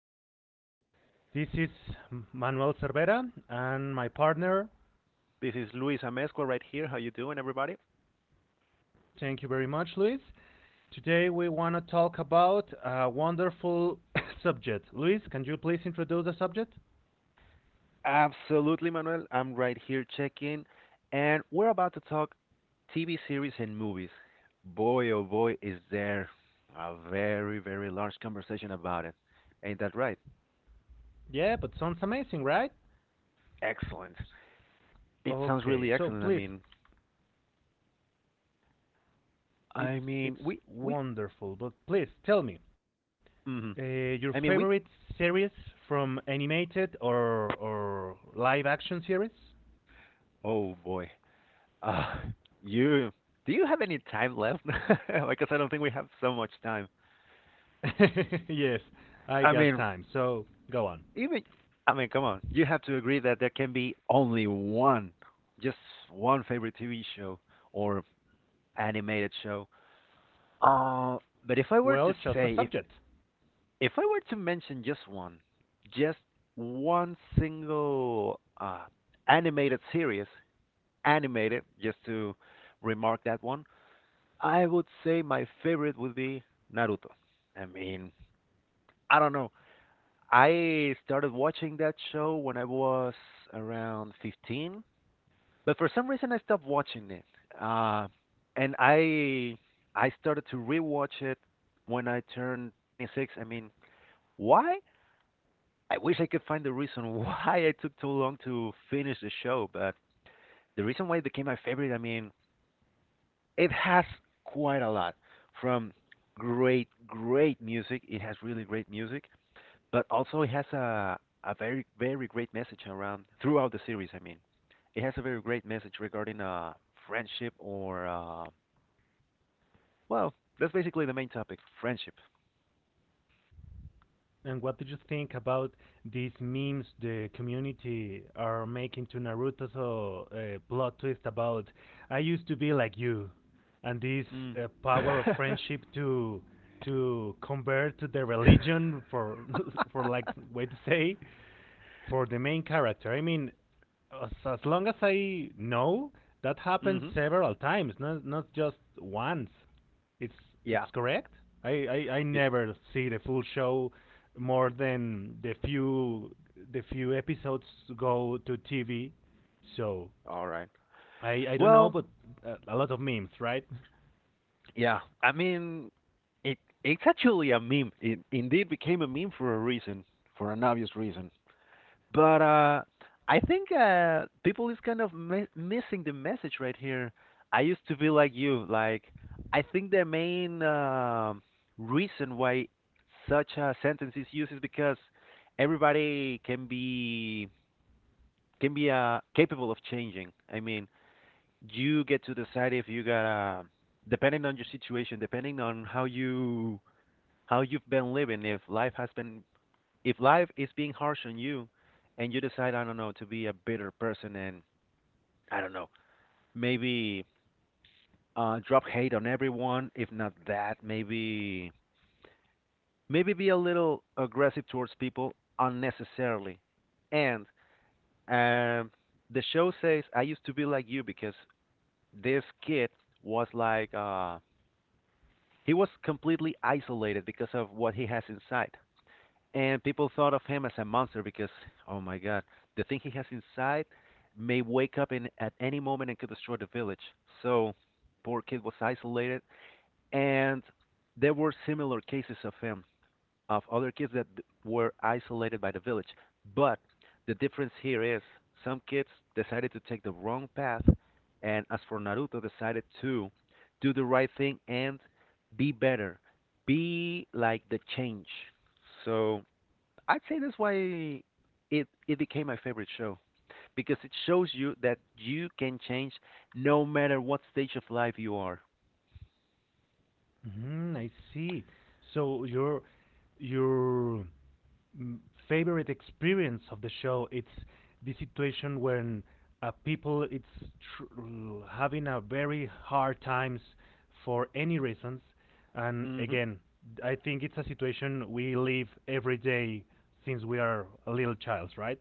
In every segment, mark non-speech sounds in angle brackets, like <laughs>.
to us. This is Manuel Cervera and my partner. this is Luis Amezcua right here. How you doing, everybody? Thank you very much, Luis. Today we want to talk about a wonderful <coughs> subject. Luis, can you please introduce the subject? Absolutely, Manuel. I'm right here checking, and we're about to talk TV series and movies. Boy, oh boy, is there a very, very large conversation about it. Ain't that right? Yeah, but sounds amazing, right? Excellent. It sounds Okay, really so excellent. Please, I it's mean, it's we, wonderful, but please tell me mm, your I favorite mean, we. series, from animated or live action series? Oh boy. Uh, you. Do you have any time left? <laughs> Because I don't think we have so much time. <laughs> Yes, I I got mean, time. So go on. Even come on, you have to agree that there can be only one, just one favorite TV show or animated show. Uh, but if I were Well, to just a say, if subject. if I were to mention just one single animated series, animated, just to remark that one, I would say my favorite would be Naruto. I mean, I don't know. I started watching that show when I was around 15, but for some reason I stopped watching it. Uh, and I started to rewatch it when I turned 26. I mean, why? I wish I could find the reason <laughs> why I took so long to finish the show, but the reason why it became my favorite, I mean, it has quite a lot from great, great music. It has really great music but also it has a very very great message around throughout the series. I mean, it has a very great message regarding friendship or, well, that's basically the main topic, friendship. And what did you think about these memes the community are making to Naruto's plot twist about I used to be like you, and this Mm. Power of <laughs> friendship to convert to the religion for <laughs> for, like, way to say, for the main character. I mean, as long as I know, that happened Mhm. several times, not just once. It's it's Yeah. correct. I It, never see the full show, more than the few episodes go to TV. So all right. I don't know, Well, but a lot of memes, right? <laughs> yeah. I mean, it's actually a meme. It indeed became a meme for a reason, for an obvious reason. But I think people is kind of missing the message right here. I used to be like you. Like I think the main reason why such a sentence is used is because everybody can be capable of changing. I mean, you get to decide if you gotta, depending on your situation, depending on how you how you've been living, if life has been if life is being harsh on you and you decide, I don't know, to be a bitter person and I don't know, maybe drop hate on everyone, if not that, maybe be a little aggressive towards people unnecessarily. And um, the show says I used to be like you because this kid was like he was completely isolated because of what he has inside. And people thought of him as a monster because, oh my God, the thing he has inside may wake up in at any moment and could destroy the village. So, poor kid was isolated, and there were similar cases of him, of other kids that were isolated by the village. But the difference here is some kids decided to take the wrong path, and as for Naruto, decided to do the right thing and be better, be like the change. So I'd say that's why it became my favorite show because it shows you that you can change no matter what stage of life you are. Mm, I see. So your m- favorite experience of the show. It's the situation when people it's tr- having a very hard times for any reasons, and Hmm. again, I think it's a situation we live every day since we are a little child, right?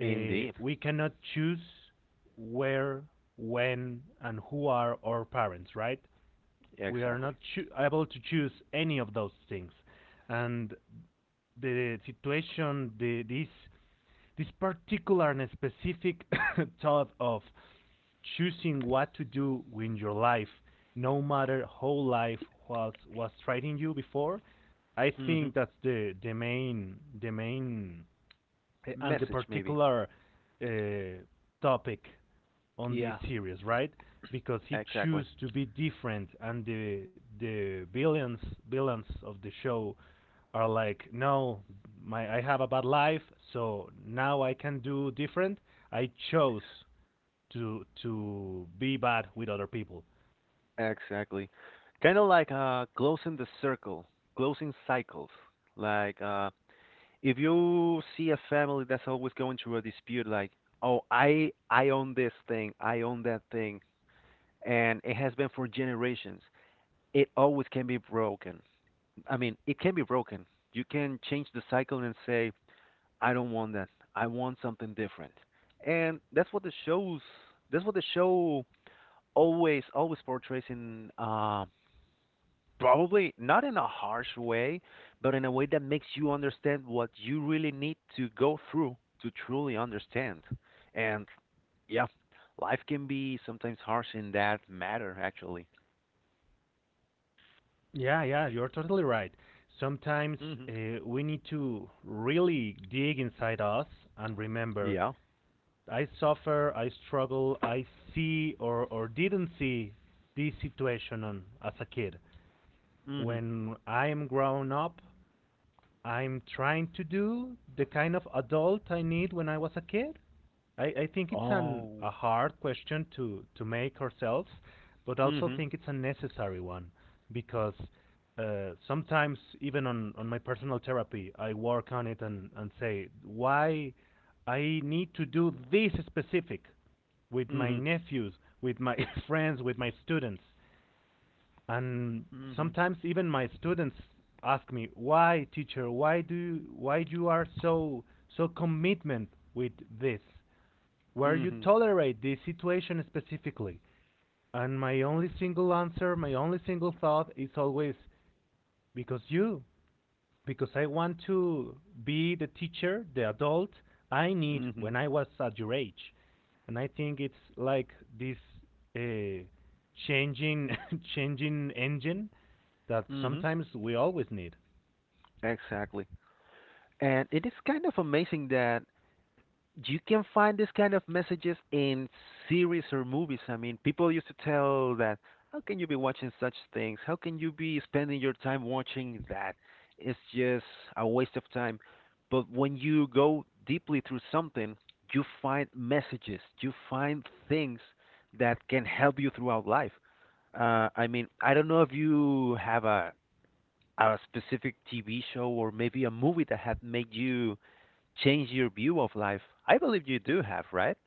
We cannot choose where, when, and who are our parents, right? We are exactly. not able to choose any of those things, and the situation the this particular and specific <coughs> thought of choosing what to do with your life no matter how life was treating you before, I Hmm. think that's the main eh, and the Message maybe. particular uh, topic on this Yeah. series, right? Because he Exactly. chose to be different, and the villains of the show are like, no, my I have a bad life, so now I can do different. I chose to be bad with other people. Exactly. Kind of like closing the circle, closing cycles. Like if you see a family that's always going through a dispute like, "Oh, I own this thing, I own that thing." And it has been for generations. It always can be broken. I mean, it can be broken. You can change the cycle and say, I don't want that. I want something different. And that's what the shows, That's what the show always, always portrays in, probably not in a harsh way, but in a way that makes you understand what you really need to go through to truly understand. And yeah, life can be sometimes harsh in that matter, actually. Yeah, yeah, you're totally right. Sometimes Hmm. We need to really dig inside us and remember Yeah. I suffer, I struggle, I see or didn't see this situation on, as a kid. Hmm. When I'm grown up, I'm trying to do the kind of adult I need when I was a kid. I think it's an a Oh. hard question to make ourselves, but also Mhm. think it's a necessary one because sometimes even on my personal therapy, I work on it and say why I need to do this specific with my Mhm. nephews, with my <laughs> friends, with my students, and Mhm. sometimes even my students ask me why teacher why do why you are so so commitment with this where you Mhm. tolerate this situation specifically. And my only single answer, my only single thought is always because you, because I want to be the teacher, the adult I need when Mhm. I was at your age. And I think it's like this uh, changing, <laughs> changing engine that Mhm. sometimes we always need. Exactly. And it is kind of amazing that you can find this kind of messages in series or movies. I mean, people used to tell that, how can you be watching such things? How can you be spending your time watching that? It's just a waste of time. But when you go deeply through something, you find messages, you find things that can help you throughout life. I mean, I don't know if you have a specific TV show or maybe a movie that had made you change your view of life? I believe you do have, right?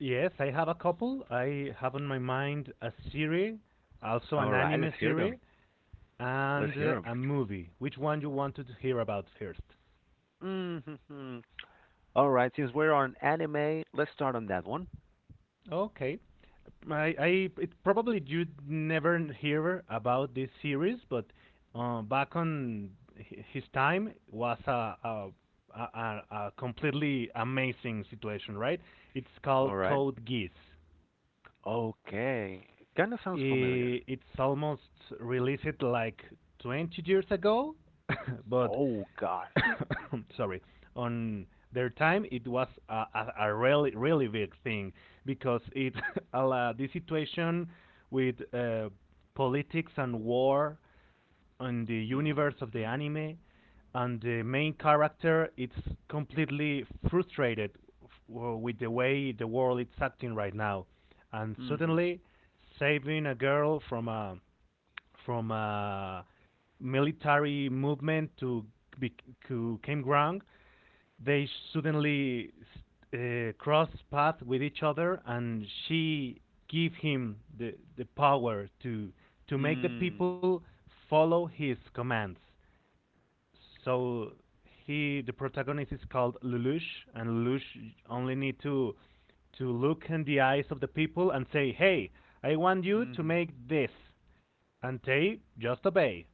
Yes, I have a couple. I have on my mind a series, also All an right, let's anime hear series, them. Let's and hear them. a movie. Which one you wanted to hear about first? Mm-hmm. All right, since we're on anime, let's start on that one. Okay. I It probably you never hear about this series, but back on hi- his time was a completely amazing situation, right? It's called All right. Code Geass. Okay. Kind of sounds familiar. I- It's almost released like 20 years ago, <laughs> but Oh God. <coughs> sorry, on their time, it was a really really big thing because it <laughs> allowed the situation with politics and war and the universe of the Mm-hmm. anime, and the main character It's completely frustrated f- w- with the way the world is acting right now, and Mm-hmm. suddenly saving a girl from a military movement to bec to campground, they suddenly cross paths with each other, and she give him the power to make the Mm. people follow his commands. So he the protagonist is called Lelouch, and Lelouch only need to look in the eyes of the people and say, "Hey, I want you to Mm-hmm. make this," and they just obey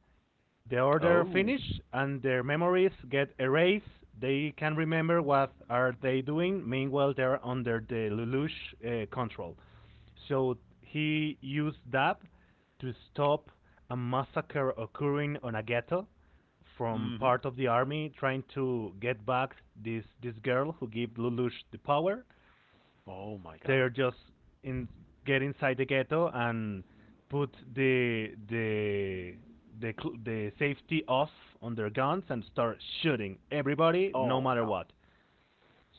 the order Oh. finish and their memories get erased. They can remember what are they doing. Meanwhile, they're under the Lelouch control. So he used that to stop a massacre occurring on a ghetto from Mm-hmm. part of the army trying to get back this girl who gave Lelouch the power. Oh my God. They're just in get inside the ghetto and put the safety off on their guns and start shooting everybody no Oh matter no. what.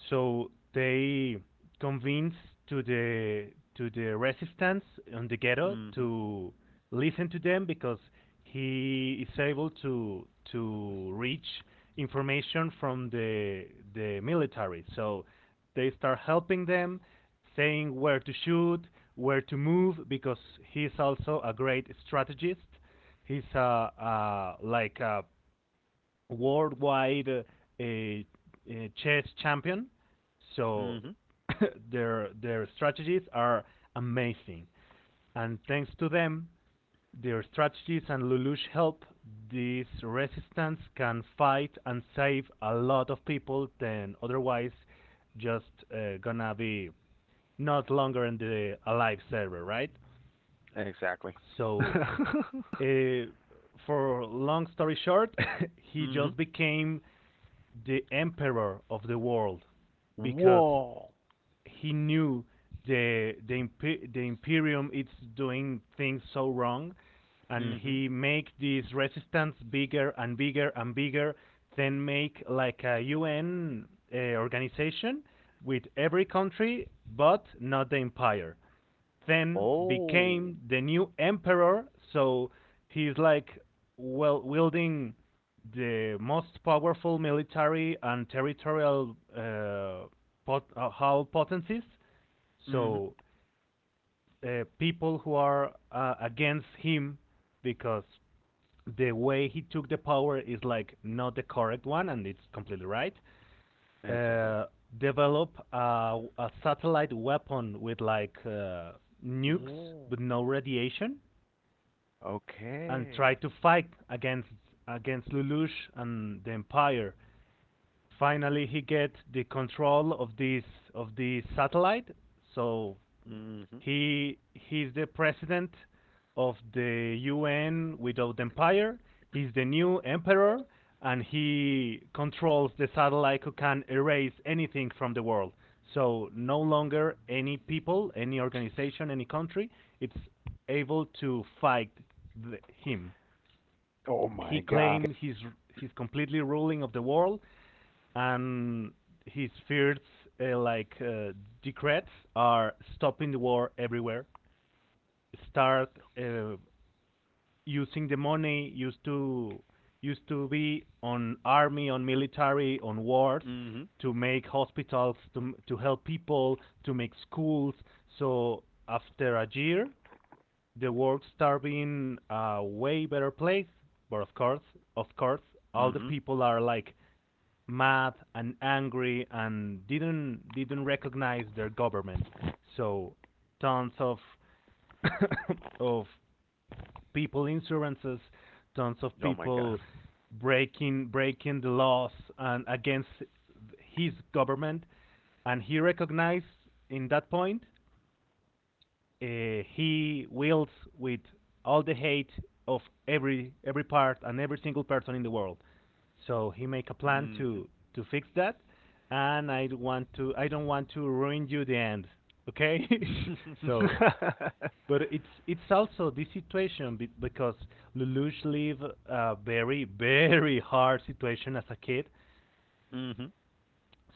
So they convinced to the resistance on the ghetto Mm-hmm. to listen to them because he is able to reach information from the military. So they start helping them, saying where to shoot, where to move, because he's also a great strategist. He's a like a worldwide uh, chess champion. So Mm-hmm. <coughs> <laughs> their strategies are amazing, and thanks to them, their strategies and Lelouch help, this resistance can fight and save a lot of people than otherwise, just gonna be not longer in the alive server, right? Exactly. So, <laughs> uh, for long story short, <laughs> he Mm-hmm. just became the emperor of the world because Whoa. he knew the Imperium is doing things so wrong, and Mm-hmm. he make this resistance bigger and bigger and bigger. Then make like a UN organization with every country, but not the empire, then Oh. became the new emperor. So he's like well wielding the most powerful military and territorial how potencies. Mm-hmm. So people who are against him because the way he took the power is like not the correct one, and it's completely right Exactly. uh, develop a satellite weapon with like nukes Mm. but no radiation, and try Okay. to fight against Lelouch and the Empire. Finally, he gets the control of this of the satellite, so Mhm. He's the president of the UN without empire. He's the new emperor, and he controls the satellite who can erase anything from the world. So no longer any people, any organization, any country, it's able to fight the, him. Oh He my God. claims he's completely ruling of the world, and his first like decrees are stopping the war everywhere, start uh, using the money used to be on army, on military, on wars Mhm. to make hospitals, to help people, to make schools. So after a year, the world start being a way better place. But of course, of course, all the Mhm. people are like mad and angry and didn't recognize their government. So tons of <coughs> of people insurances, tons of Oh my God. people breaking the laws and against his government, and he recognized in that point he wills with all the hate of every part and every single person in the world. So he make a plan Mhm. to fix that, and I don't want to ruin you the end. Okay, <laughs> so but it's also this situation be- because Lelouch lived a very very hard situation as a kid, Mhm.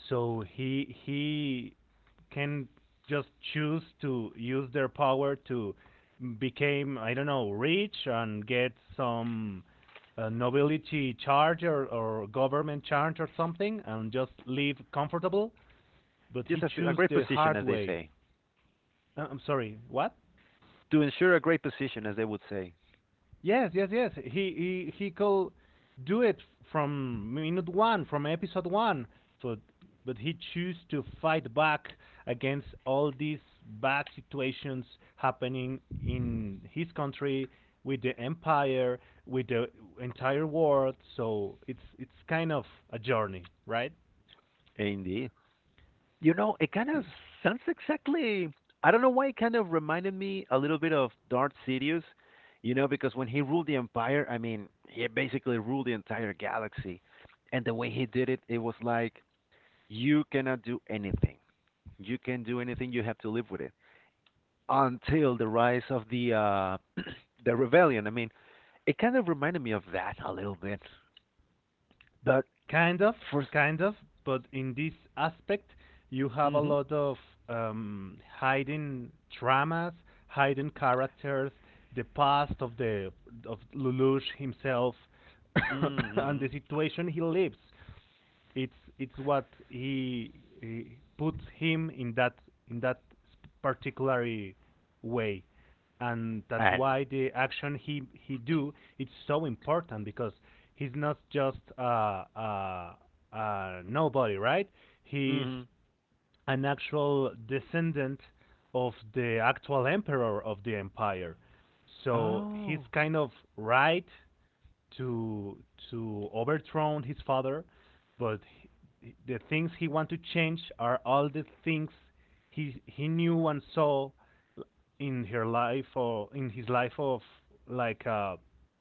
so he can just choose to use their power to become I don't know rich and get some nobility charge or government charge or something and just live comfortable. <laughs> But Just he a, a choose great the position, hard as they way. say, I'm sorry, what? to ensure a great position, as they would say. Yes, yes, yes. He could do it from minute one, from episode one. So, but he choose to fight back against all these bad situations happening in his country, with the empire, with the entire world. So it's kind of a journey, right? Indeed. You know, it kind of sounds exactly. I don't know why it kind of reminded me a little bit of Darth Sidious. You know, because when he ruled the Empire, I mean, he basically ruled the entire galaxy, and the way he did it, it was like you cannot do anything. You can do anything. You have to live with it until the rise of the <clears throat> the rebellion. I mean, it kind of reminded me of that a little bit, but Kind of, for kind of, but in this aspect, you have a mm-hmm, lot of hidden dramas, hidden characters, the past of the of Lelouch himself, <coughs> mm-hmm, and mm-hmm. the situation he lives. It's what he puts him in that particular way, and that's And why the action he do it's so important because he's not just nobody, right? He's mm-hmm. an actual descendant of the actual emperor of the empire. So he's Oh, kind of right to overthrow his father, but he, the things he want to change are all the things he knew and saw in her life or in his life of like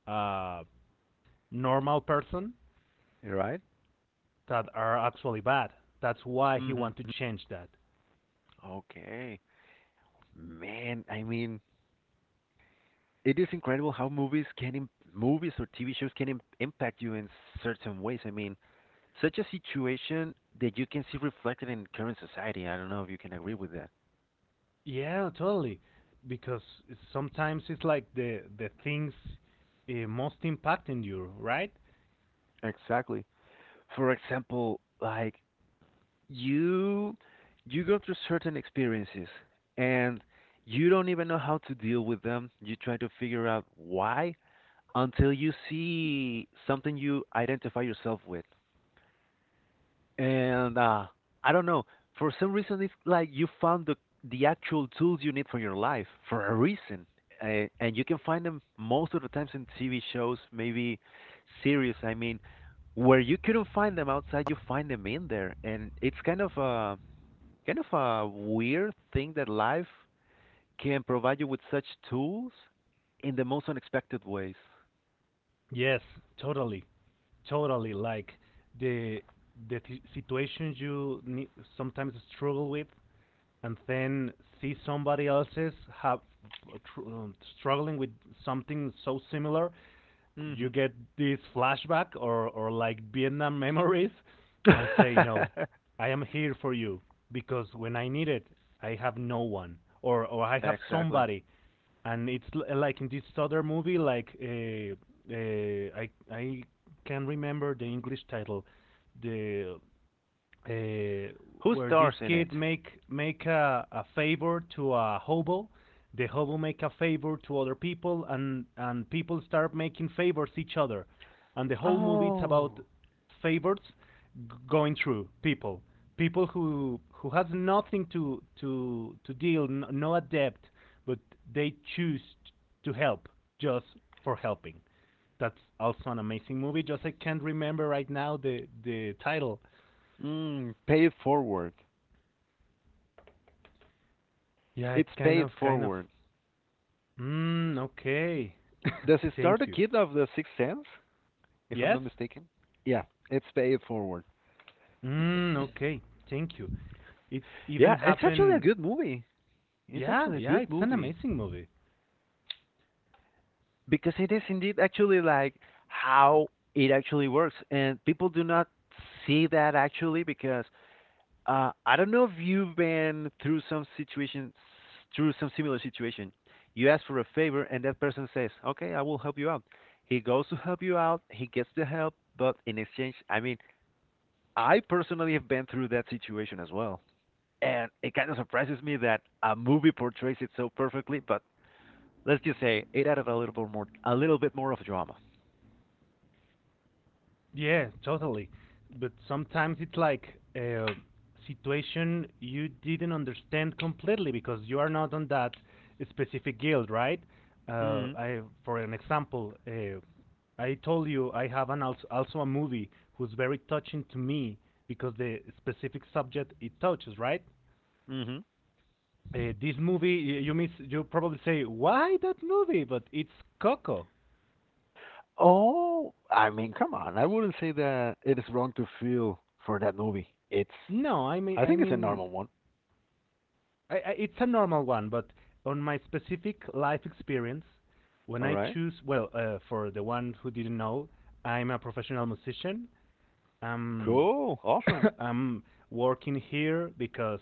a normal person you're right. that are actually bad. That's why he Mm-hmm. want to Mm-hmm. change that. Okay, man. I mean, it is incredible how movies can movies or TV shows can impact you in certain ways. I mean, such a situation that you can see reflected in current society. I don't know if you can agree with that. Yeah, totally. Because sometimes it's like the things most impacting you, right? Exactly. For example, like you you go through certain experiences and you don't even know how to deal with them. You try to figure out why until you see something you identify yourself with. And I don't know. For some reason, it's like you found the actual tools you need for your life for a reason, and you can find them most of the times in TV shows, maybe series. I mean, where you couldn't find them outside, you find them in there, and it's kind of a weird thing that life can provide you with such tools in the most unexpected ways. Yes, totally, totally. Like the the t- situations you ne- sometimes struggle with, and then see somebody else's have tr- struggling with something so similar, you Hmm. get this flashback or like Vietnam memories, and say <laughs> no I am here for you because when I need it I have no one or I have Exactly. somebody, and it's l- like in this other movie like I can't remember the English title the uh, Who where this stars in it? kid make a favor to a hobo. The hobo make a favor to other people, and people start making favors each other. And the whole movie it's about Oh. favors g- going through people, people who has nothing to to deal, n- no adept, but they choose to help just for helping. That's also an amazing movie. Just I can't remember right now the title. Mm, pay it forward. Yeah, it's It's pay kind it of, kind of. forward. Mm, okay. Does it <laughs> start a Thank you. kid of the Sixth Sense, if I'm Yes? not mistaken? Yeah, it's pay it forward. Mm, okay. Thank you. It's Yeah, even it's actually a happened. good movie. It's Yeah, actually a yeah, good it's an movie amazing movie. because it is indeed actually like how it actually works and people do not see that actually because I don't know if you've been through some situation, through some similar situation. You ask for a favor, and that person says, "Okay, I will help you out." He goes to help you out. He gets the help, but in exchange, I mean, I personally have been through that situation as well, and it kind of surprises me that a movie portrays it so perfectly. But let's just say it added a little bit more, a little bit more of drama. Yeah, totally. But sometimes it's like a situation you didn't understand completely because you are not on that specific guild, right? Hmm. I, for an example, I told you I have an als- also a movie who's very touching to me because the specific subject it touches, right? Hmm. This movie y- you miss you probably say why that movie, but it's Coco. Oh, I mean, come on. I wouldn't say that it is wrong to feel for that movie. It's No, I I think it's a mean normal one. It's a normal one, but on my specific life experience, when All I right. choose well for the one who didn't know, I'm a professional musician. Um, Cool. <laughs> Awesome. <coughs> I'm working here because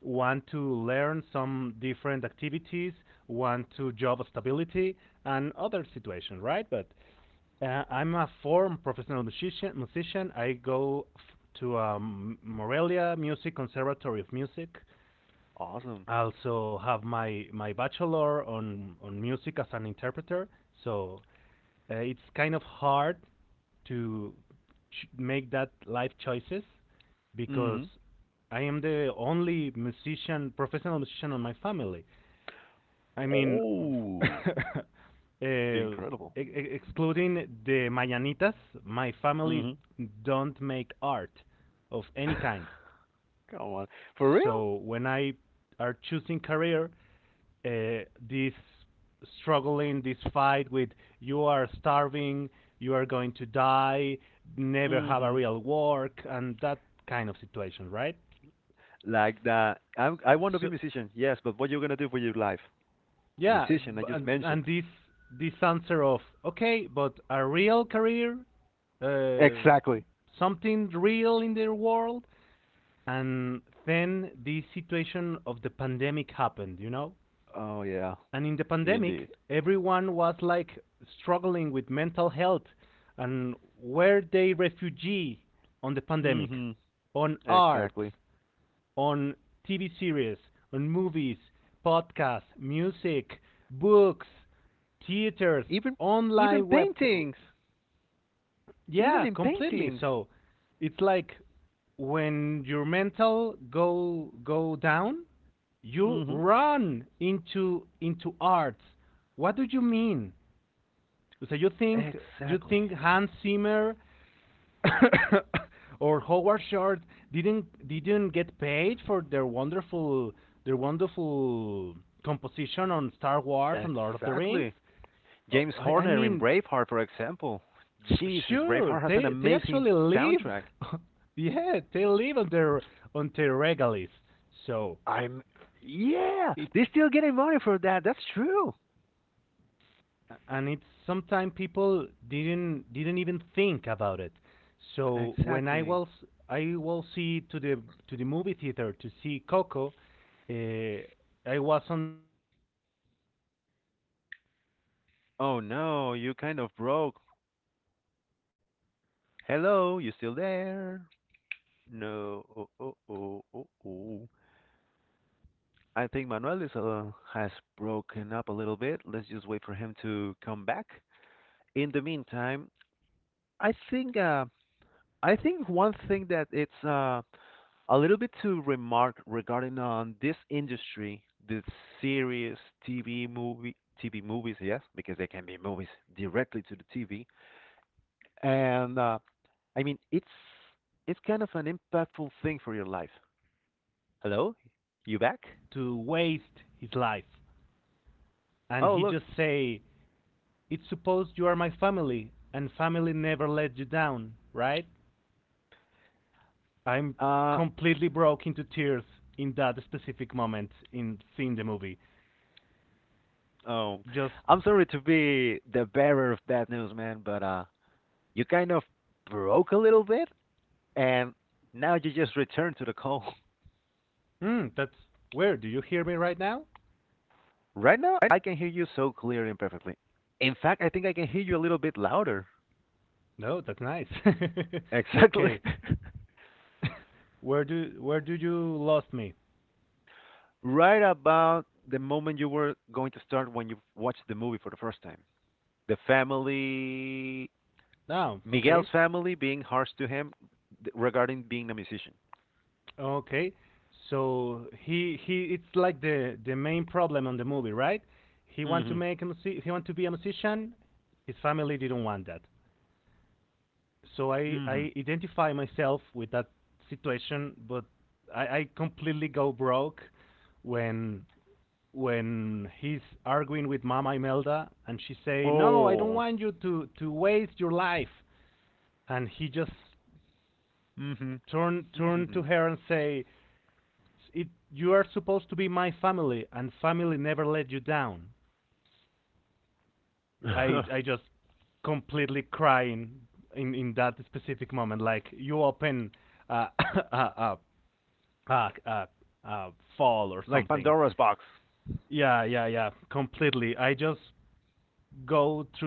want to learn some different activities, want to job stability, and other situations, right? But I'm a former professional musician. Musician. I go f- to Morelia Music Conservatory of Music. Awesome. I also have my my bachelor on music as an interpreter. So it's kind of hard to ch- make that life choices because Mm-hmm. I am the only musician, professional musician on my family. I mean, <laughs> uh, Oh, e- incredible. Excluding the Mañanitas, my family Mm-hmm. don't make art of any kind. <laughs> Come on. For real? So when I are choosing career, this struggling, this fight with you are starving, you are going to die, never have a Mm-hmm. real work, and that kind of situation, right? Like that. I want to be a So, musician. Yes, but what you're gonna do for your life? yeah, Musician. I b- just and, mentioned. this this answer of okay, but a real career, uh, Exactly. something real in the world, and then this situation of the pandemic happened, you know? Oh yeah. And in the pandemic Indeed. everyone was like struggling with mental health, and were they refugee on the pandemic Mm-hmm. on art, Exactly. on TV series, on movies, podcasts, music, books, theaters, Even even online web, paintings. Even yeah, in completely. paintings. So it's like when your mental go down, you Mm-hmm. run into arts. What do you mean? So you Exactly. think Hans Zimmer <coughs> or Howard Short didn't get paid for their wonderful composition on Star Wars and Lord of the Rings? Exactly. Oh, James I Horner in mean, Braveheart, for example. Jesus, sure, Braveheart has an they amazing actually live. soundtrack. <laughs> Yeah, they live on their regalies. So I'm yeah, it's they're still getting money for that. That's true. and it's sometimes people didn't even think about it. So when I Exactly. was I will see to the movie theater to see Coco, I was on Oh no, you kind of broke. Hello, you still there? No. Oh oh oh oh oh. I think Manuel is has broken up a little bit. Let's just wait for him to come back. In the meantime, I think uh, I think one thing that it's a little bit to remark regarding on this industry, the series, TV movie, TV movies, yes, because they can be movies directly to the TV. And the time I mean, with it's Mama Imelda, it's kind of an impactful thing for your life. Hello, you back? Oh, look. Uh, oh, I'm sorry to be the bearer of bad news, man, but you kind of broke a little bit, and now you just returned to the call. Right now, I can hear you so clear and perfectly. In fact, I think I can hear you a little bit louder. Exactly. <laughs> Right about the moment you were going to start when you watched the movie for the first time. The family, Miguel's family being harsh to him regarding being a musician. Mm-hmm. Mm-hmm. Oh. Mm-hmm. Mm-hmm. <laughs> like Pandora's box.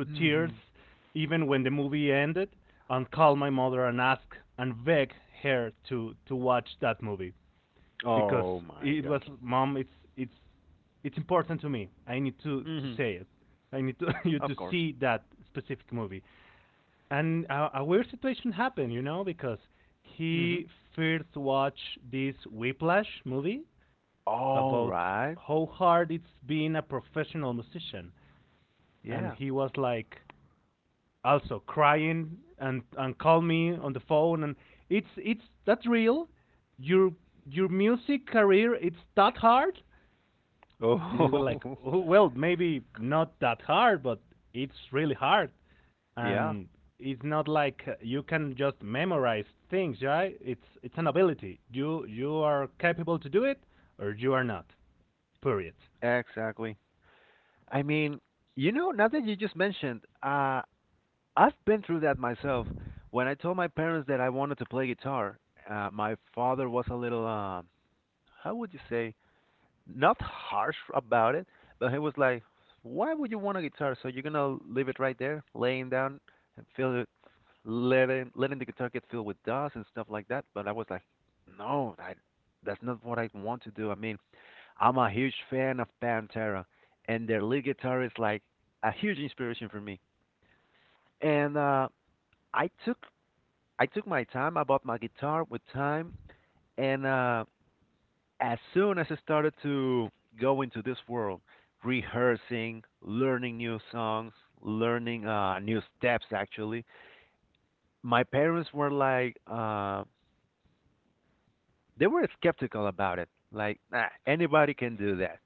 Mm-hmm. Oh my god. Mm-hmm. Of course. Mm-hmm. All right. Yeah. Oh, <laughs> yeah, exactly. I mean, now that you just mentioned, I've been through that myself. When I told my parents that I wanted to play guitar, my father was a little, how would you say, not harsh about it, but he was like, "Why would you want a guitar? So you're gonna leave it right there, laying down, and feel it, letting the guitar get filled with dust and stuff like that." But I was like, "No, I, that's not what I want to do. I mean." I'm a huge fan of Pantera, and their lead guitar is like a huge inspiration for me. And I took I took my time. I bought my guitar with time, and as soon as I started to go into this world, rehearsing, learning new songs, learning new steps, actually, my parents were like, they were skeptical about it. Like, nah, anybody can do that.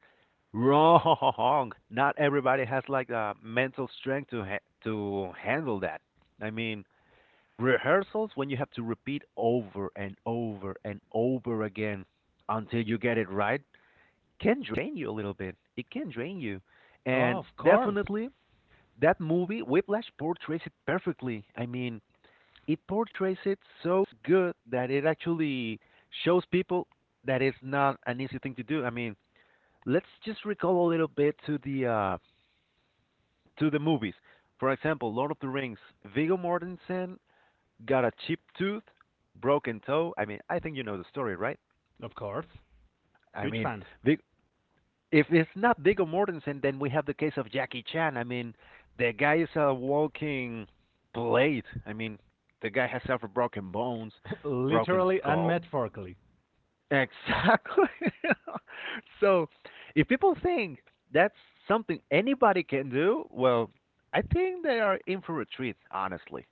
Wrong. <laughs> Not everybody has like the mental strength to to handle that. I mean, rehearsals when you have to repeat over and over and over again until you get it right can drain you a little bit. It can drain you. And definitely that movie Whiplash portrays it perfectly. I mean, it portrays it so good that it actually shows people that it's not an easy thing to do. I mean, let's just recall a little bit to the movies. For example, Lord of the Rings, Viggo Mortensen got a chipped tooth, broken toe. I mean, I think you know the story, right? I mean, Vig- if it's not Viggo Mortensen, then we have the case of Jackie Chan. I mean, the guy is a walking blade. I mean, the guy has suffered broken bones, broken skull. Exactly. <laughs> so, if people think that's something anybody can do, well, I think they are in for a treat, honestly.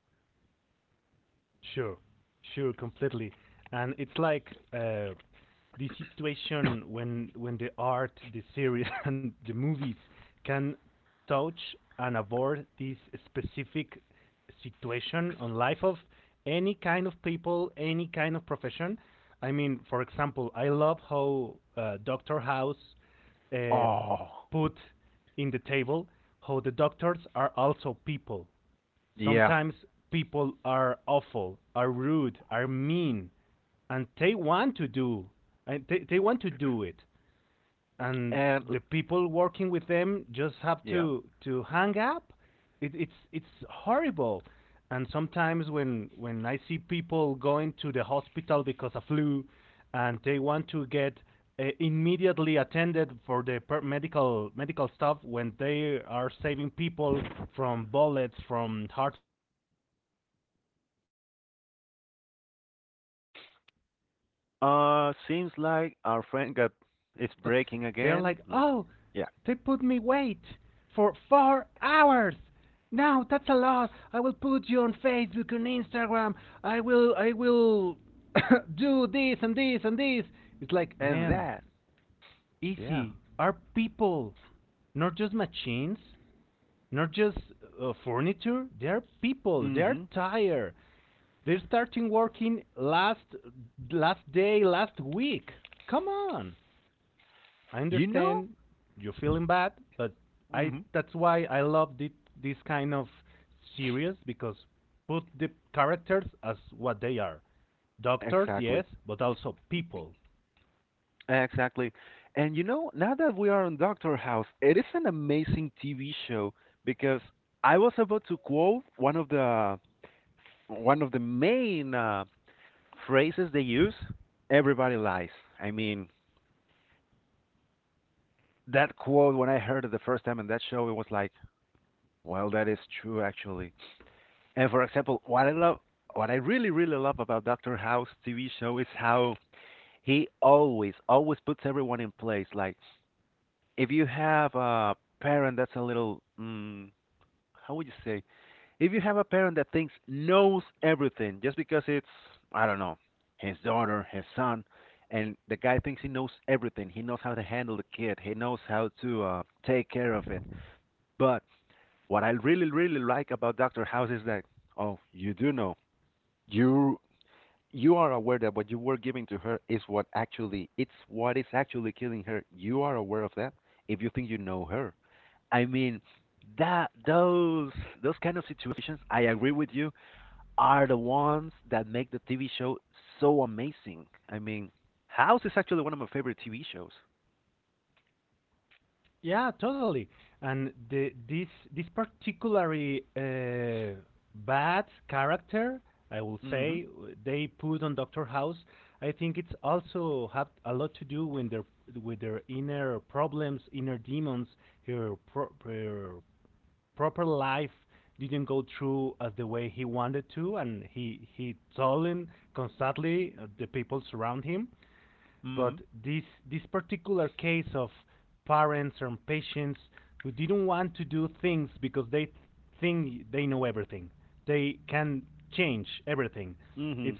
Oh, yeah. And yeah. Seems like our friend got it's breaking again. Let- Yeah. And that. Yeah. Mhm. You know? Mhm. Exactly. Exactly. And you know, now that we are on Doctor House, it is an amazing TV show because I was about to quote one of the main phrases they use, everybody lies. I mean, that quote when I heard it the first time in that show, it was like, well, that is true actually. And for example, what I love, what I really really love about Doctor House TV show is how he always always puts everyone in place. Like if you have a parent that's a little, how would you say, if you have a parent that thinks knows everything just because it's I don't know his daughter, his son, and the guy thinks he knows everything. He knows how to handle the kid. He knows how to take care of it. But what I really, really like about Dr. House is that, oh, you do know. You you are aware that what you were giving to her is what actually it's what is actually killing her. You are aware of that if you think you know her. I mean, that those kind of situations, I agree with you, are the ones that make the TV show so amazing. I mean, House is actually one of my favorite TV shows. Mhm. Mhm. Mhm.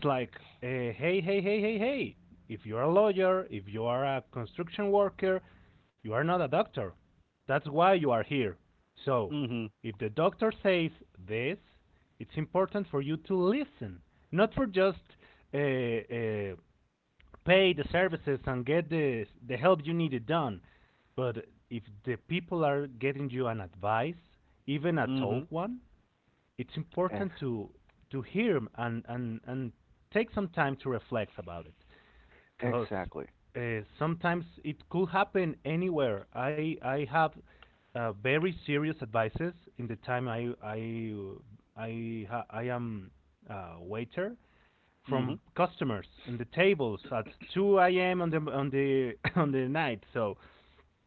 Mhm. Mhm. Ex- exactly. Mhm.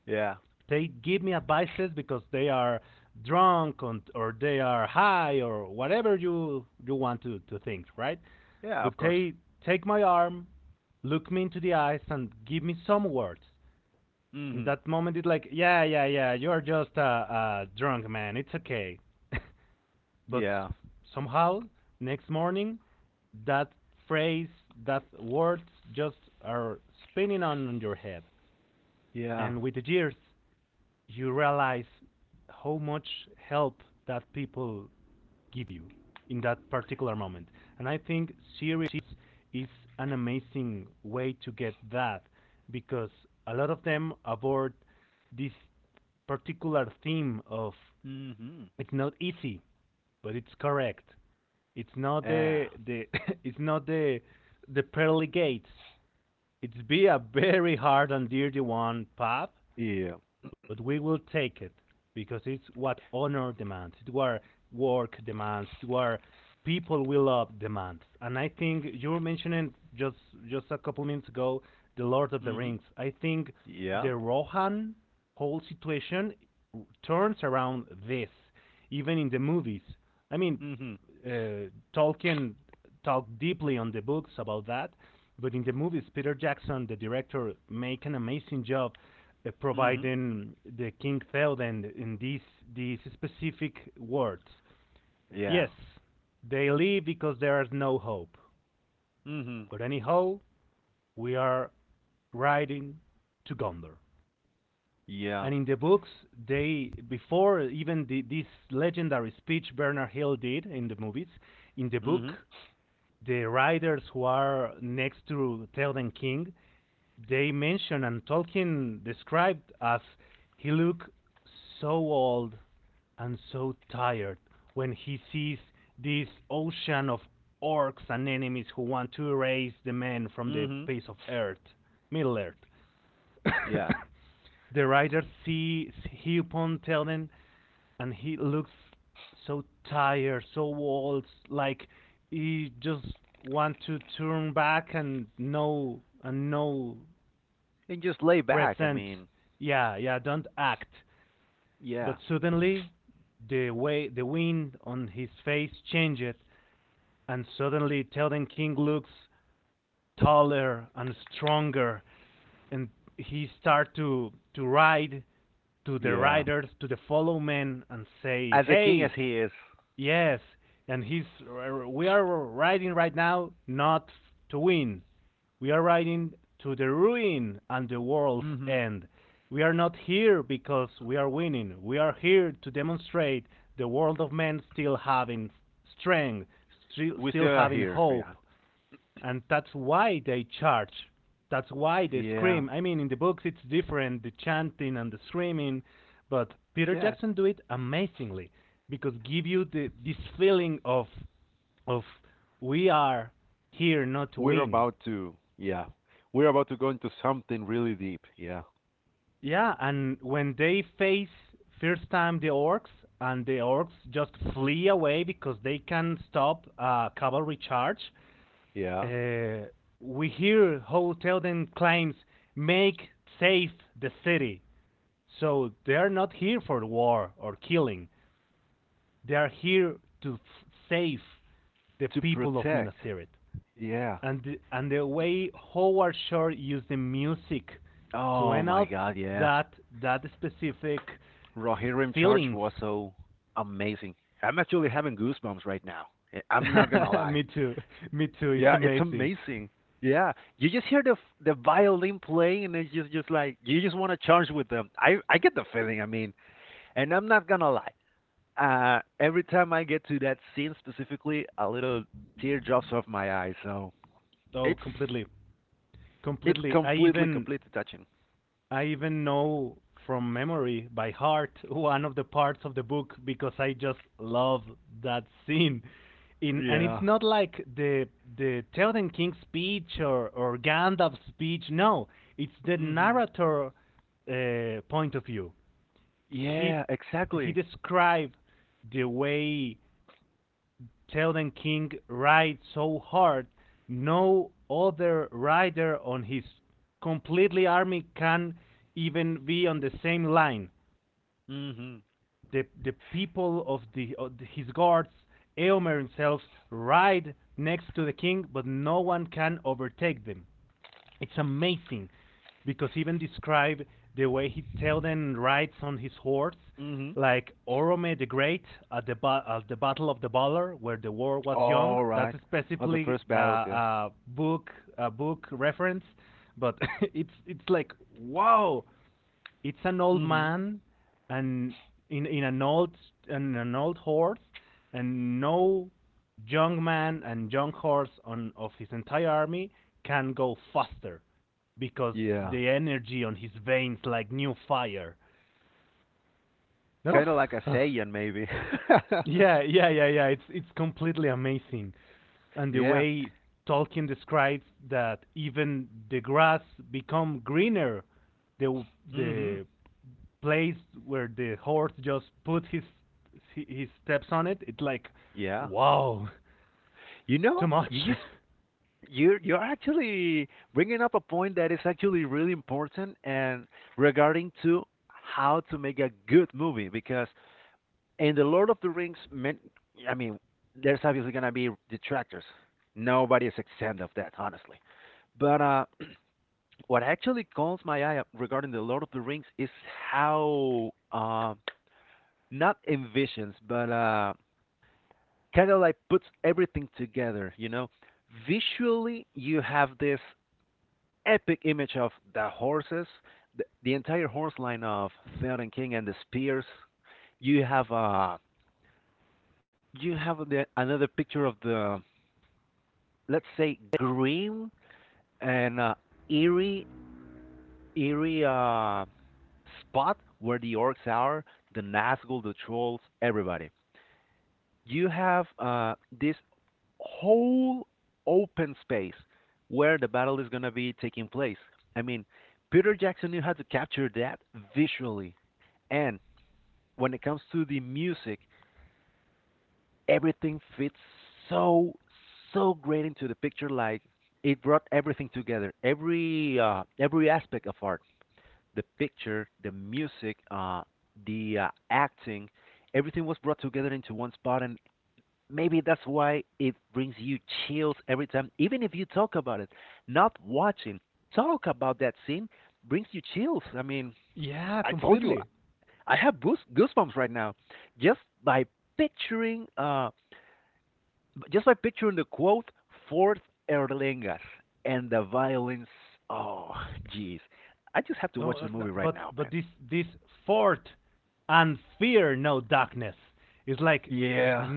Yeah. Yeah, of course. Hmm. Yeah. Yeah. Hmm. Yeah. Yeah. Hmm. Yeah. Hmm. Hmm. Yeah. Hmm. Yeah. Hmm. Hmm. Yeah. And just lay back. I mean, yeah. Yeah. As the king as he is. Hmm. We still are here. Yeah. Yeah. Yeah. We're about to. Yeah. We're about to go into something really deep. Yeah. Yeah. To protect. Yeah. Oh my God. Yeah. Rohirrim charge was so amazing. I'm actually having goosebumps right now. I- am not gonna lie. Yeah, it's amazing. Yeah, you just hear the violin playing, and it's just like you just want to charge with them. I get the feeling. I mean, and I'm not gonna lie. Every time I get to that scene specifically, a little tear drops off my eye. So it's it's completely touching. Yeah. Mhm. Yeah, exactly. Mhm. Mhm. All right. Oh, the first battles, yeah. Mhm. Yeah. Kind of like a Saiyan, maybe. <laughs> Yeah. Mhm. Yeah. You know, you just you're actually bringing up a point that is actually really important and regarding to how to make a good movie because in The Lord of the Rings, man, I mean, there's obviously gonna be detractors. Nobody is exempt of that, honestly. But what actually calls my eye up regarding the Lord of the Rings is how not envisions, but kind of like puts everything together. You know, visually you have this epic image of the horses, the entire horse line of Theoden King and the spears. You have uh, you have another picture of the let's say grim and eerie, eerie spot where the orcs are, the Nazgul, the trolls, everybody. You have this whole open space where the battle is going to be taking place. I mean, Peter Jackson knew how to capture that visually. And when it comes to the music, everything fits so, so great into the picture. Like, it brought everything together, every aspect of art. The picture, the music, the acting, everything was brought together into one spot, and maybe that's why it brings you chills every time, even if you talk about it. Not watching, talk about that scene brings you chills. I mean, I told you, I have goosebumps right now just by picturing, uh, just by picturing the quote "Fourth Erlingas" and the violins. Oh, jeez, I just have to watch the movie right now, man. Yeah.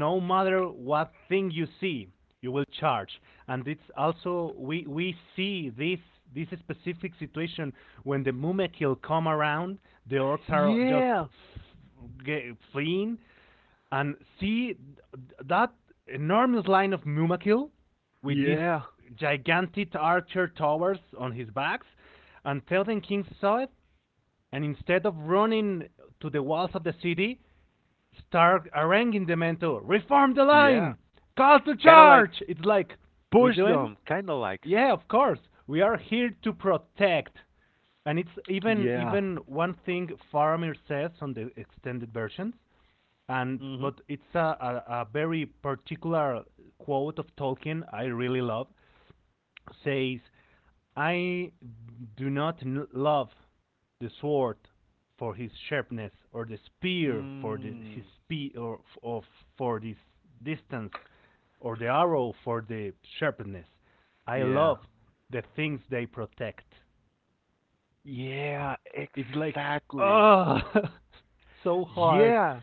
Yeah. Yeah. Yeah. Kind of like push them. Kind of like. Yeah. Mhm. Mm. Yeah. Yeah. Exactly. Yeah.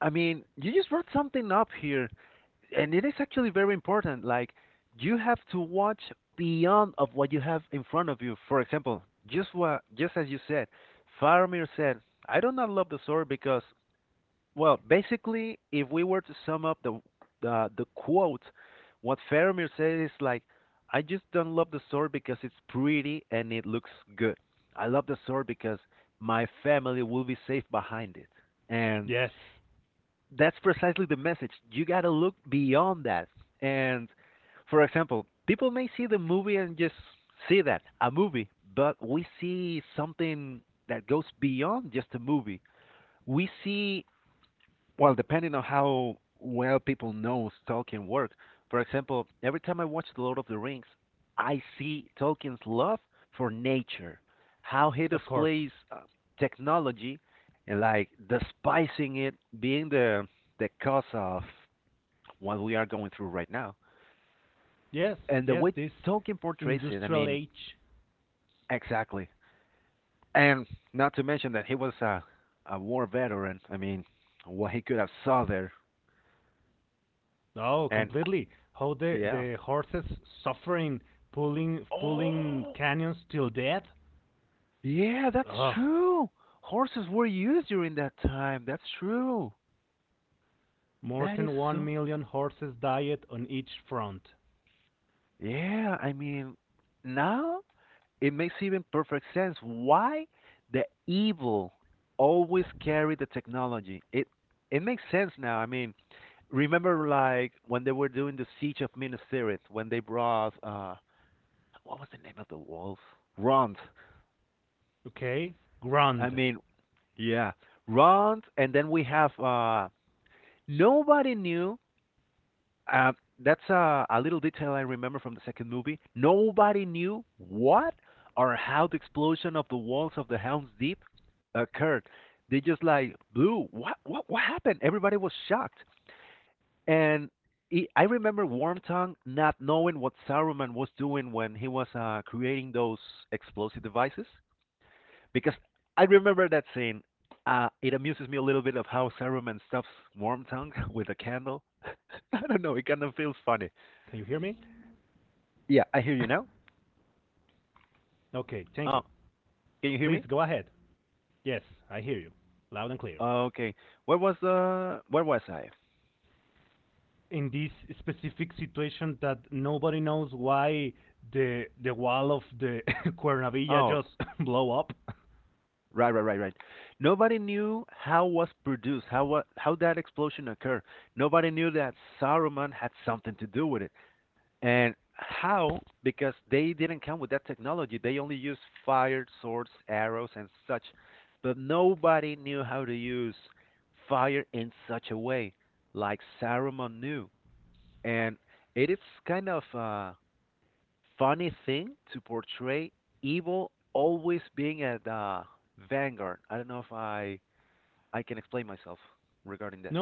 I mean, you just brought something up here, and it is actually very important. Like, you have to watch beyond of what you have in front of you. For example, just what, just as you said, Faramir said, "I do not love the sword because well, basically, if we were to sum up the quote, what Faramir says is like, "I just don't love the sword because it's pretty and it looks good. I love the sword because my family will be safe behind it." And that's precisely the message. You gotta look beyond that. And for example, people may see the movie and just see that a movie, but we see something that goes beyond just a movie. We see well, depending on how well people know Tolkien work. For example, every time I watch The Lord of the Rings, I see Tolkien's love for nature, how he displays technology, and like despising it being the cause of what we are going through right now. And the way Tolkien portrays it, I mean, exactly. And not to mention that he was a war veteran. I mean, what he could have saw there. And yeah. Oh. Yeah, that's true. Horses were used during that time. That's true. That is so. Yeah, I mean, now it makes even perfect sense why the evil always carry the technology. It makes sense now. I mean, remember like when they were doing the siege of Minas Tirith, when they brought what was the name of the wolf? Rond. I mean, yeah, Rond, and then we have nobody knew Uh, that's a little detail I remember from the second movie. Nobody knew what or how the explosion of the walls of the Helm's Deep occurred. They just like blew. What happened? Everybody was shocked. And I remember Warm Tongue not knowing what Saruman was doing when he was creating those explosive devices because I remember that scene. It amuses me a little bit of how Saruman stuffs Warm Tongue <laughs> with a candle. <laughs> I don't know. It kind of feels funny. Yeah, I hear you now. Oh, can you hear me? Okay. Where was I? Oh, right. Nobody knew how was produced, how what how that explosion occurred. Nobody knew that Saruman had something to do with it. And how? Because they didn't come with that technology. They only used fire, swords, arrows and such. But nobody knew how to use fire in such a way like Saruman knew. And it is kind of funny thing to portray evil always being at the vanguard. I don't know if I can explain myself regarding that.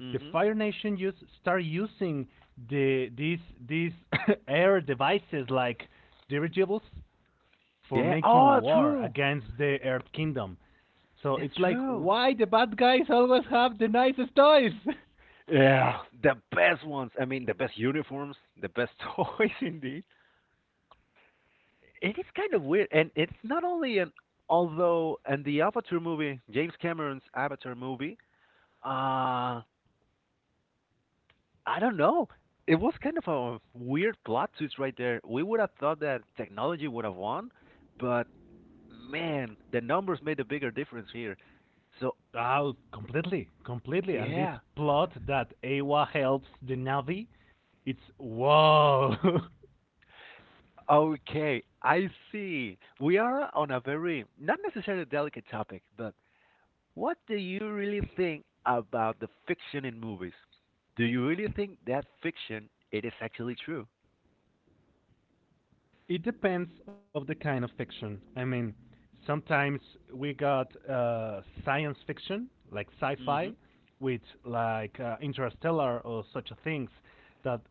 Mhm. Yeah. Oh, true. That's true. Yeah, the best ones. I mean, the best uniforms, the best <laughs> toys, indeed. It is kind of weird, and it's not only an although in the Avatar movie, James Cameron's Avatar movie, uh I don't know. It was kind of a weird plot twist right there. We would have thought that technology would have won, but man, the numbers made a bigger difference here. So, yeah. Okay, I see. We are on a very, not necessarily delicate topic, but what do you really think about the fiction in movies? Do you really think that fiction it is actually true? Mm-hmm.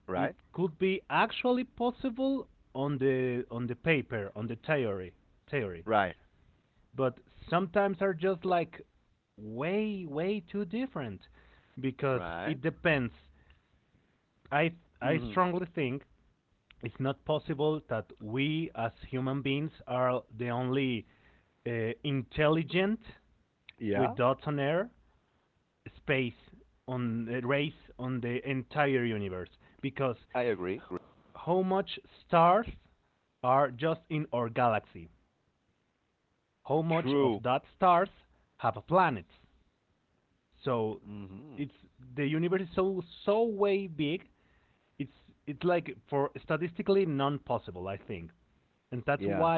Right? Right. Right. Mm-hmm. Yeah, I agree. True. Mm-hmm. Yeah.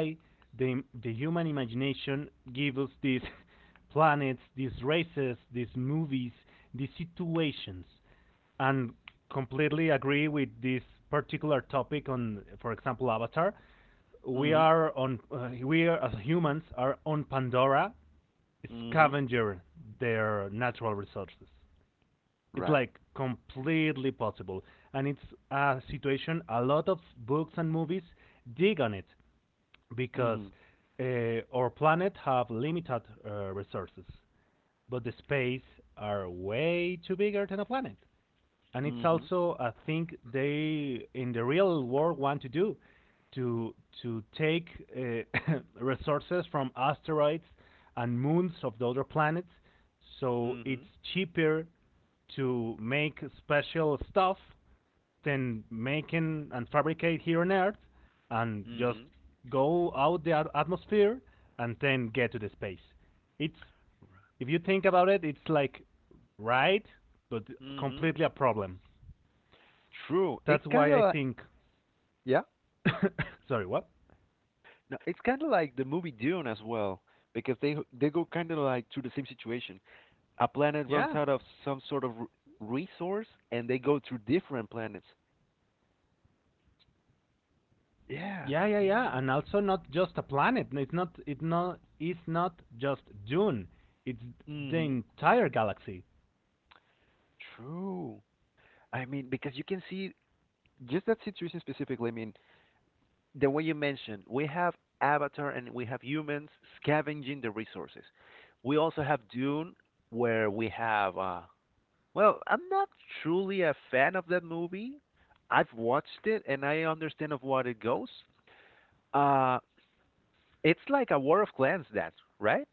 Mm-hmm. Mm-hmm. Right. Mm-hmm. Mm-hmm. Mm-hmm. Mm-hmm. Mm-hmm. True. It's kind of like, yeah. No, it's kind of like the movie Dune as well, because they go kind of like through the same situation. A planet runs out of some sort of resource, and they go to different planets. Yeah. Yeah. Yeah. Hmm. True. I mean, because you can see just that situation specifically. I mean, the way you mentioned, we have Avatar and we have humans scavenging the resources. We also have Dune, where we have. Well, I'm not truly a fan of that movie. I've watched it and I understand of what it goes. Uh, it's like a war of clans, that right?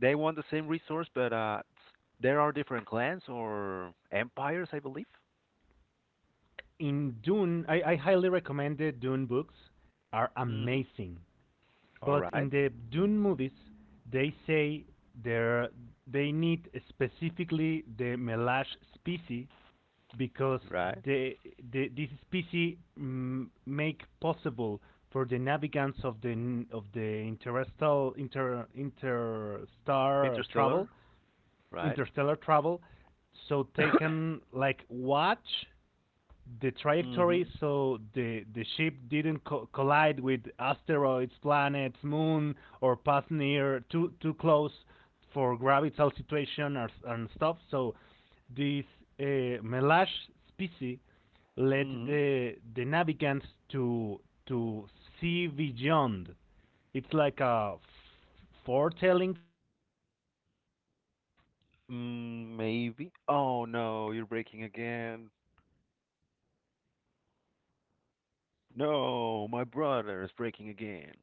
They want the same resource, but there are different clans or empires, I believe. Mhm. All right. Right. Interstellar. Right. <coughs> Mhm. Mhm. Mm, maybe. Oh no, you're breaking again. No, my brother is breaking again.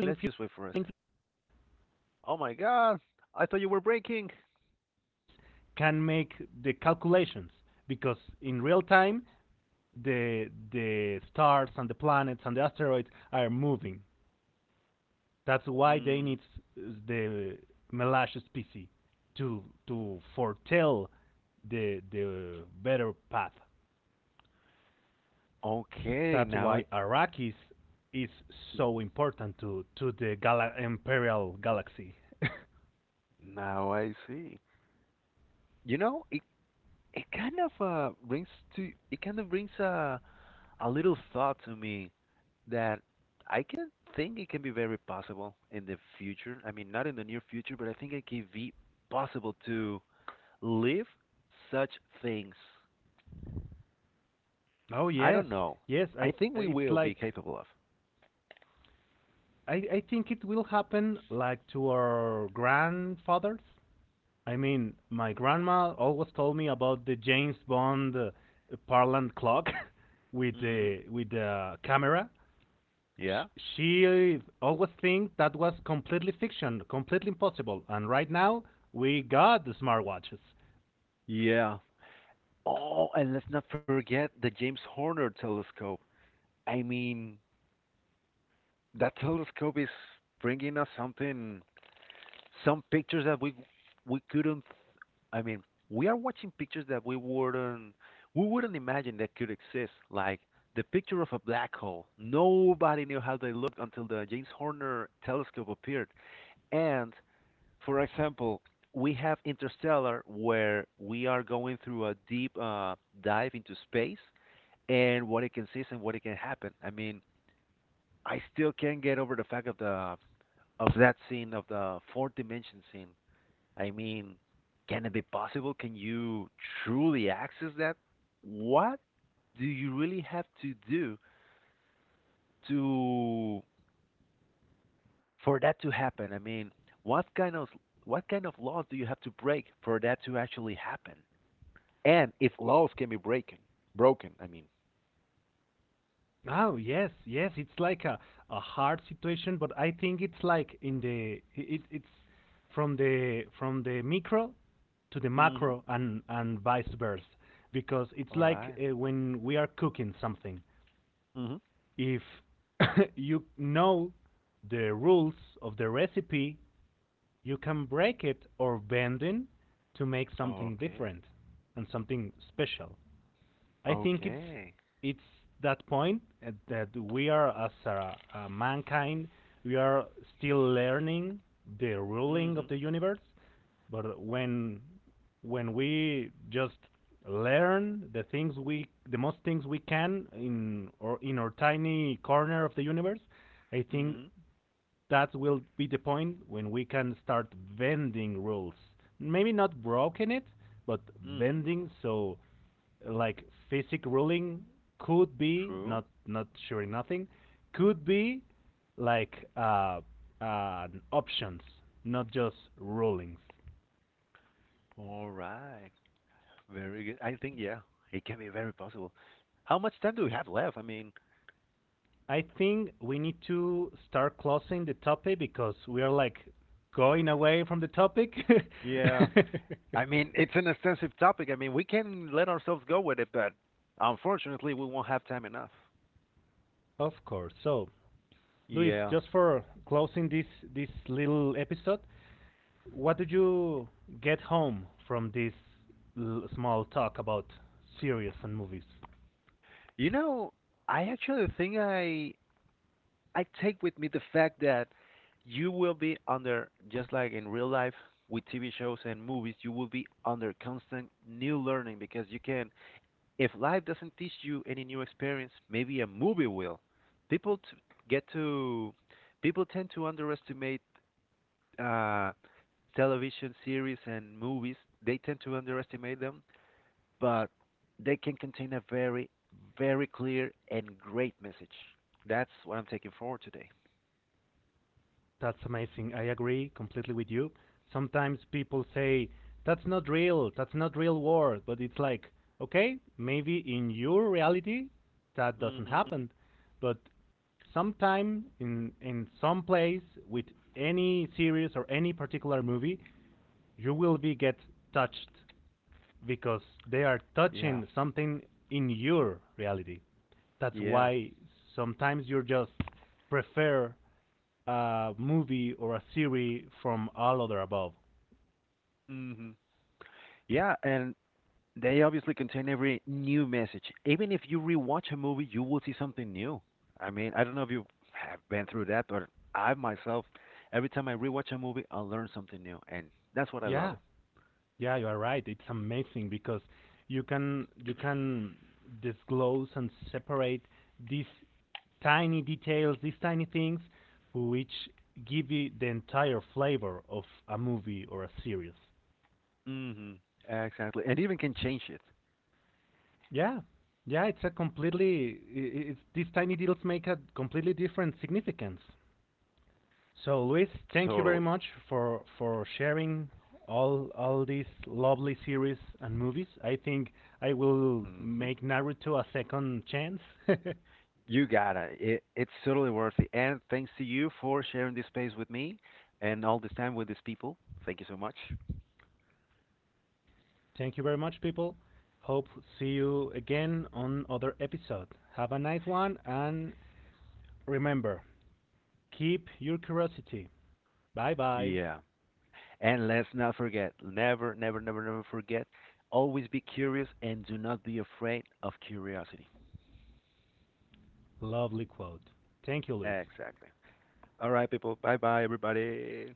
Let's just wait for a sec. Oh my god, I thought you were breaking. Mm, okay, now I see. You know, it kind of brings to it kind of brings a little thought to me that I can think it can be very possible in the future. I mean, not in the near future, but I think it can be possible to live such things? I don't know. I think we will be capable of. Hmm. Yeah? Yeah. Oh, and let's not forget the James Horner telescope. I mean, that telescope is bringing us something, some pictures that we couldn't. I mean, we are watching pictures that we wouldn't imagine that could exist, like the picture of a black hole. Nobody knew how they looked until the James Horner telescope appeared, and for example, we have Interstellar, where we are going through a deep dive into space and what it consists and what it can happen. I mean, I still can't get over the fact of the of that scene of the fourth dimension scene. I mean, can it be possible? Can you truly access that? What do you really have to do to for that to happen? I mean, what kind of what kind of laws do you have to break for that to actually happen? And if laws can be broken, broken. I mean. Mhm. All right. Mhm. Okay. Okay. Mhm. Mhm. Mhm. True. All right. Very good. I think yeah, it can be very possible. How much time do we have left? I mean, yeah. I mean, it's an extensive topic. I mean, we can let ourselves go with it, but unfortunately, we won't have time enough. Yeah. You know, I actually think I take with me the fact that you will be under, just like in real life with TV shows and movies, you will be under constant new learning because you can, if life doesn't teach you any new experience, maybe a movie will. People t- get to, people tend to underestimate uh, television series and movies. They tend to underestimate them, but they can contain a very, very clear and great message. That's what I'm taking forward today. Hmm. Yeah. Yeah. Hmm. Yeah, and they obviously contain every new message. Even if you rewatch a movie, you will see something new. I mean, I don't know if you have been through that, but I myself, every time I rewatch a movie, I learn something new, and that's what I love it. Hmm. Exactly, and even can change it totally. Hmm. You got it. It's totally worth it. And thanks to you for sharing this space with me and all this time with these people. Thank you so much. Yeah. And let's not forget, never, never, never, never forget, always be curious and do not be afraid of curiosity. Exactly. All right, people. Bye bye, everybody.